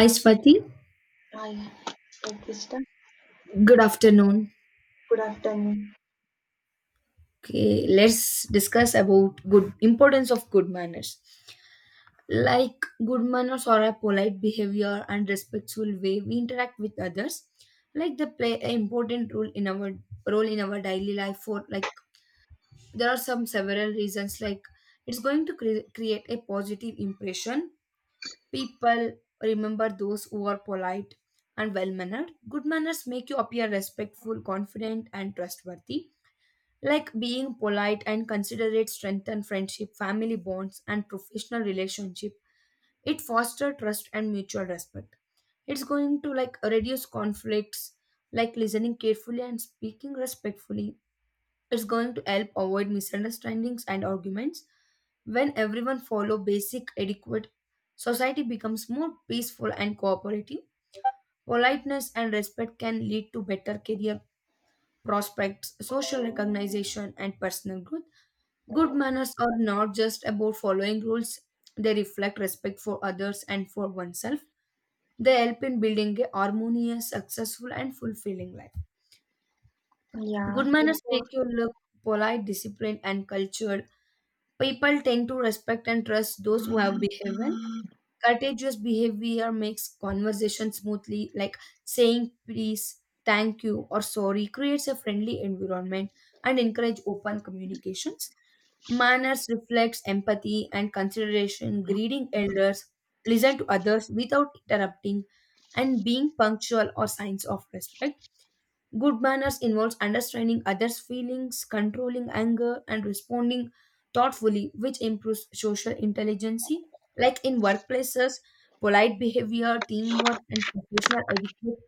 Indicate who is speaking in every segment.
Speaker 1: Hi Swati,
Speaker 2: Hi, Krista.
Speaker 1: good afternoon.
Speaker 2: Good afternoon.
Speaker 1: Okay, let's discuss about good importance of good manners. Like, good manners are a polite behavior and respectful way we interact with others. Like they play an important role in our daily life. For like there are some several reasons. Like it's going to create a positive impression. People remember those who are polite and well mannered. Good manners make you appear respectful, confident, and trustworthy. Like being polite and considerate strengthen friendship, family bonds, and professional relationship. It foster trust and mutual respect. It's going to like reduce conflicts, like listening carefully and speaking respectfully. It's going to help avoid misunderstandings and arguments. When everyone follow basic adequate, society becomes more peaceful and cooperative. Politeness and respect can lead to better career prospects, social recognition, and personal growth. Good manners are not just about following rules, they reflect respect for others and for oneself. They help in building a harmonious, successful, and fulfilling life.
Speaker 2: Yeah,
Speaker 1: Good
Speaker 2: it
Speaker 1: manners make
Speaker 2: was,
Speaker 1: you look polite, disciplined, and cultured. People tend to respect and trust those who have behaved well. Courageous behavior makes conversation smoothly, like saying please, thank you, or sorry, creates a friendly environment and encourage open communications. Manners reflects empathy and consideration, greeting elders, listen to others without interrupting, and being punctual or signs of respect. Good manners involves understanding others' feelings, controlling anger, and responding thoughtfully, which improves social intelligence. Like in workplaces, polite behavior, teamwork, and professional etiquette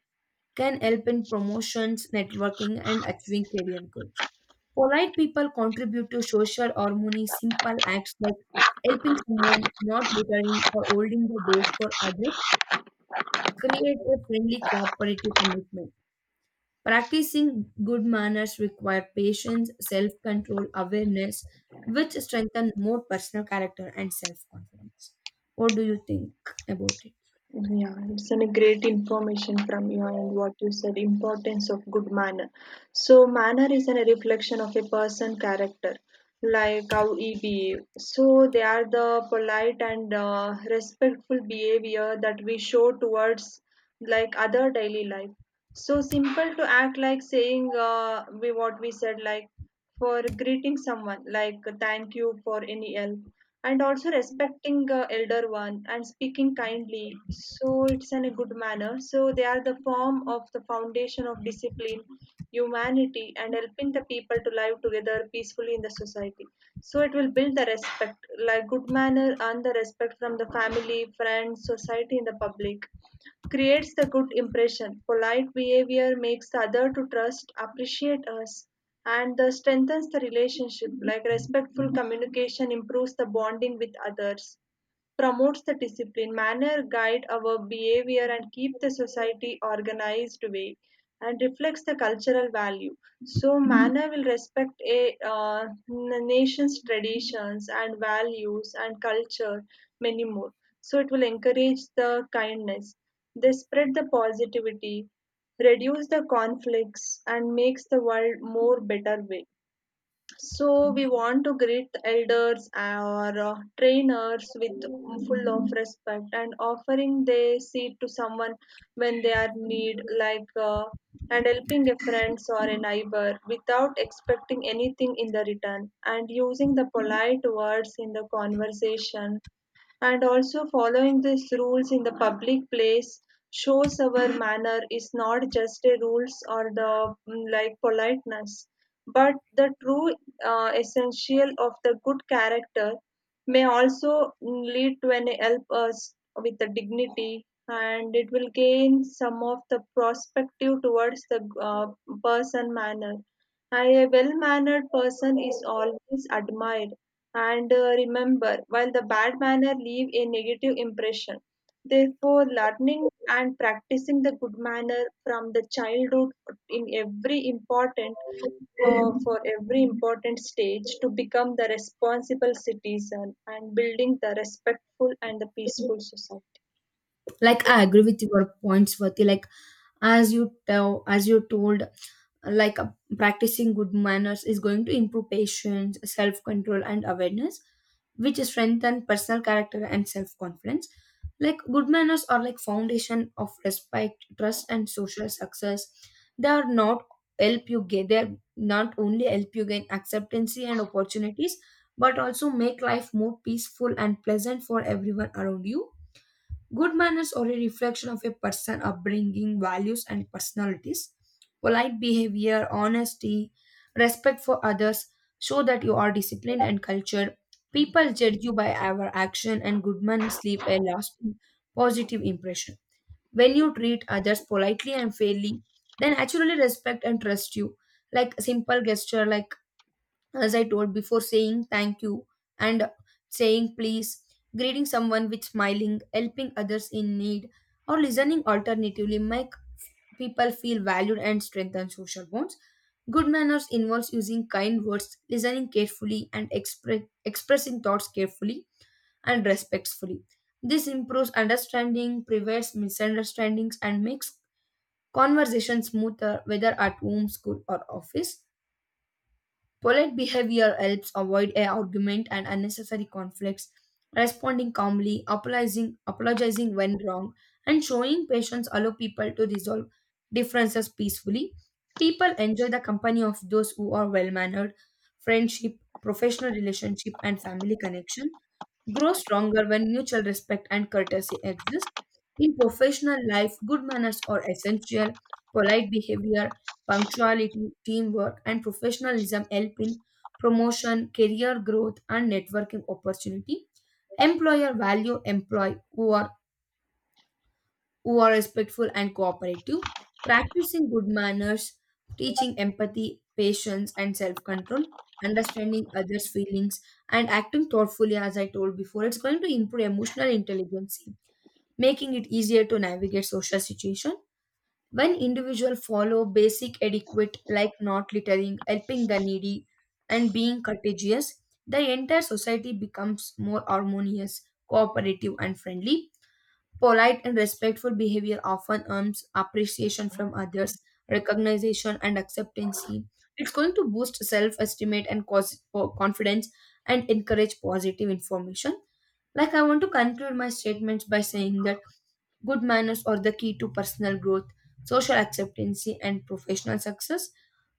Speaker 1: can help in promotions, networking, and achieving career goals. Polite people contribute to social harmony, simple acts like helping someone, not littering, or holding the door for others create a friendly cooperative commitment. Practicing good manners require patience, self control, awareness, which strengthen more personal character and self confidence. What do you think about it?
Speaker 2: yeah, it's a great information from you and what you said, importance of good manner. So manner is a reflection of a person character, like how he behave. So they are the polite and respectful behavior that we show towards like other daily life. So simple to act like saying we what we said like for greeting someone like thank you for any help, and also respecting elder one and speaking kindly, so it's in a good manner, so they are the form of the foundation of discipline, humanity, and helping the people to live together peacefully in the society. So it will build the respect like good manner and the respect from the family, friends, society, and the public creates the good impression. Polite behavior makes the other to trust, appreciate us and the strengthens the relationship, like respectful communication improves the bonding with others, promotes the discipline. Manner guide our behavior and keep the society organized way and reflects the cultural value. So manner will respect a nation's traditions and values and culture, many more. So it will encourage the kindness, they spread the positivity, reduce the conflicts, and makes the world more better way. So we want to greet elders or trainers with full of respect and offering their seat to someone when they are need, and helping a friend or a neighbor without expecting anything in the return, and using the polite words in the conversation, and also following these rules in the public place shows our manner is not just a rules or the like politeness, but the true essential of the good character. May also lead to and help us with the dignity, and it will gain some of the perspective towards the person manner. A well mannered person is always admired and remember, while the bad manner leave a negative impression. Therefore, learning and practicing the good manner from the childhood in every important, for every important stage to become the responsible citizen and building the respectful and the peaceful society.
Speaker 1: Like I agree with your points, Swati. Like as you told like uh, practicing good manners is going to improve patience, self control, and awareness, which strengthen personal character and self confidence. Like good manners are like foundation of respect, trust, and social success. They are not they not only help you gain acceptance and opportunities, but also make life more peaceful and pleasant for everyone around you. Good manners are a reflection of a person's upbringing, values, and personalities. Polite behavior, honesty, respect for others show that you are disciplined and cultured. People judge you by our action, and good manners leave a lasting positive impression. When you treat others politely and fairly, they naturally respect and trust you. Like a simple gesture, like as I told before, saying thank you and saying please, greeting someone with smiling, helping others in need, or listening alternatively make people feel valued and strengthen social bonds. Good manners involves using kind words, listening carefully, and expressing thoughts carefully and respectfully. This improves understanding, prevents misunderstandings, and makes conversation smoother whether at home, school, or office. Polite behavior helps avoid a argument and unnecessary conflicts, responding calmly, apologizing when wrong, and showing patience allow people to resolve differences peacefully. People enjoy the company of those who are well-mannered, friendship, professional relationship, and family connection grow stronger when mutual respect and courtesy exist. In professional life, good manners are essential. Polite behavior, punctuality, teamwork, and professionalism help in promotion, career growth, and networking opportunity. Employer value employee who are respectful and cooperative, practicing good manners, teaching empathy, patience, and self control, understanding others' feelings, and acting thoughtfully, as I told before. It's going to improve emotional intelligence, making it easier to navigate social situation. When individuals follow basic etiquette like not littering, helping the needy, and being courteous, the entire society becomes more harmonious, cooperative, and friendly. Polite and respectful behavior often earns appreciation from others, recognition, and acceptance. It's going to boost self esteem and cause confidence and encourage positive information. Like, I want to conclude my statements by saying that good manners are the key to personal growth, social acceptance, and professional success.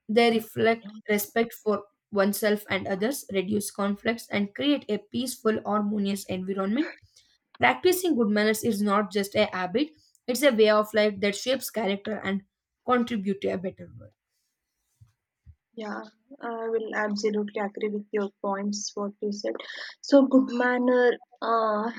Speaker 1: They reflect respect for oneself and others, reduce conflicts, and create a peaceful, harmonious environment. Practicing good manners is not just a habit, it's a way of life that shapes character and contribute to a better world.
Speaker 2: Yeah, I will absolutely agree with your points, what you said. So, good manner.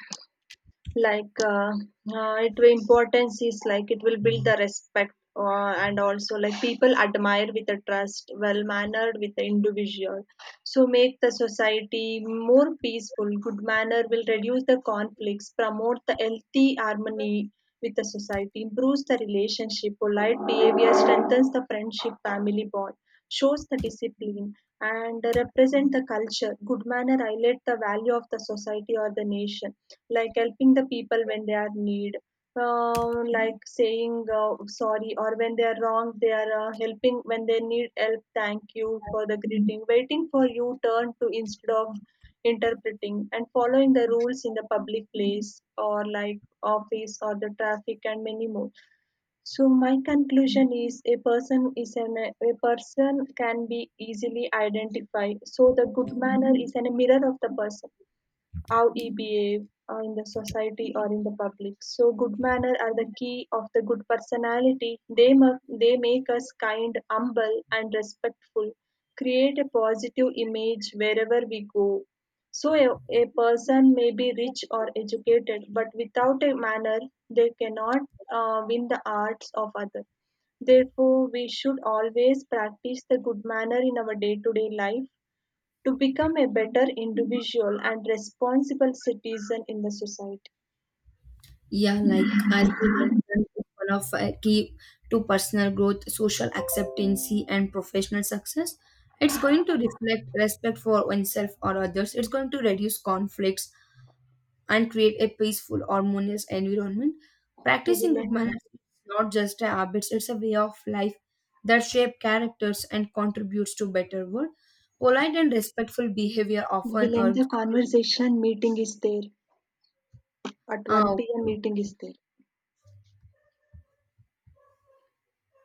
Speaker 2: like uh, it will- importance is like it will build the respect and also like people admire with the trust well mannered with the individual, so make the society more peaceful. Good manner will reduce the conflicts, promote the healthy harmony with the society, improves the relationship. Polite behavior strengthens the friendship, family bond, shows the discipline, and represent the culture. Good manner highlight the value of the society or the nation, like helping the people when they are need. Like saying sorry or when they are wrong they are helping when they need help, thank you for the greeting, waiting for you turn to instead of interpreting, and following the rules in the public place or like office or the traffic and many more. So my conclusion is a person can be easily identified. So the good manner is an a mirror of the person, how ye behave in the society or in the public. So good manners are the key of the good personality. They make us kind, humble, and respectful. Create a positive image wherever we go. So a person may be rich or educated, but without a manner, they cannot win the hearts of others. Therefore, we should always practice the good manner in our day to day life to become a better individual and responsible citizen in the society.
Speaker 1: Yeah, like as you mentioned, it's one of key to personal growth, social acceptancy, and professional success. It's going to reflect respect for oneself or others. It's going to reduce conflicts and create a peaceful, harmonious environment.
Speaker 2: We
Speaker 1: Practicing
Speaker 2: will
Speaker 1: good
Speaker 2: end the,
Speaker 1: manners is not just a habit, it's a way of life that shape characters and contributes to better world. Polite and respectful behavior
Speaker 2: we
Speaker 1: often
Speaker 2: will end
Speaker 1: earns
Speaker 2: the
Speaker 1: appreciation.
Speaker 2: conversation. Meeting is there. At
Speaker 1: Ah,
Speaker 2: 1 p.m.
Speaker 1: okay.
Speaker 2: meeting is there.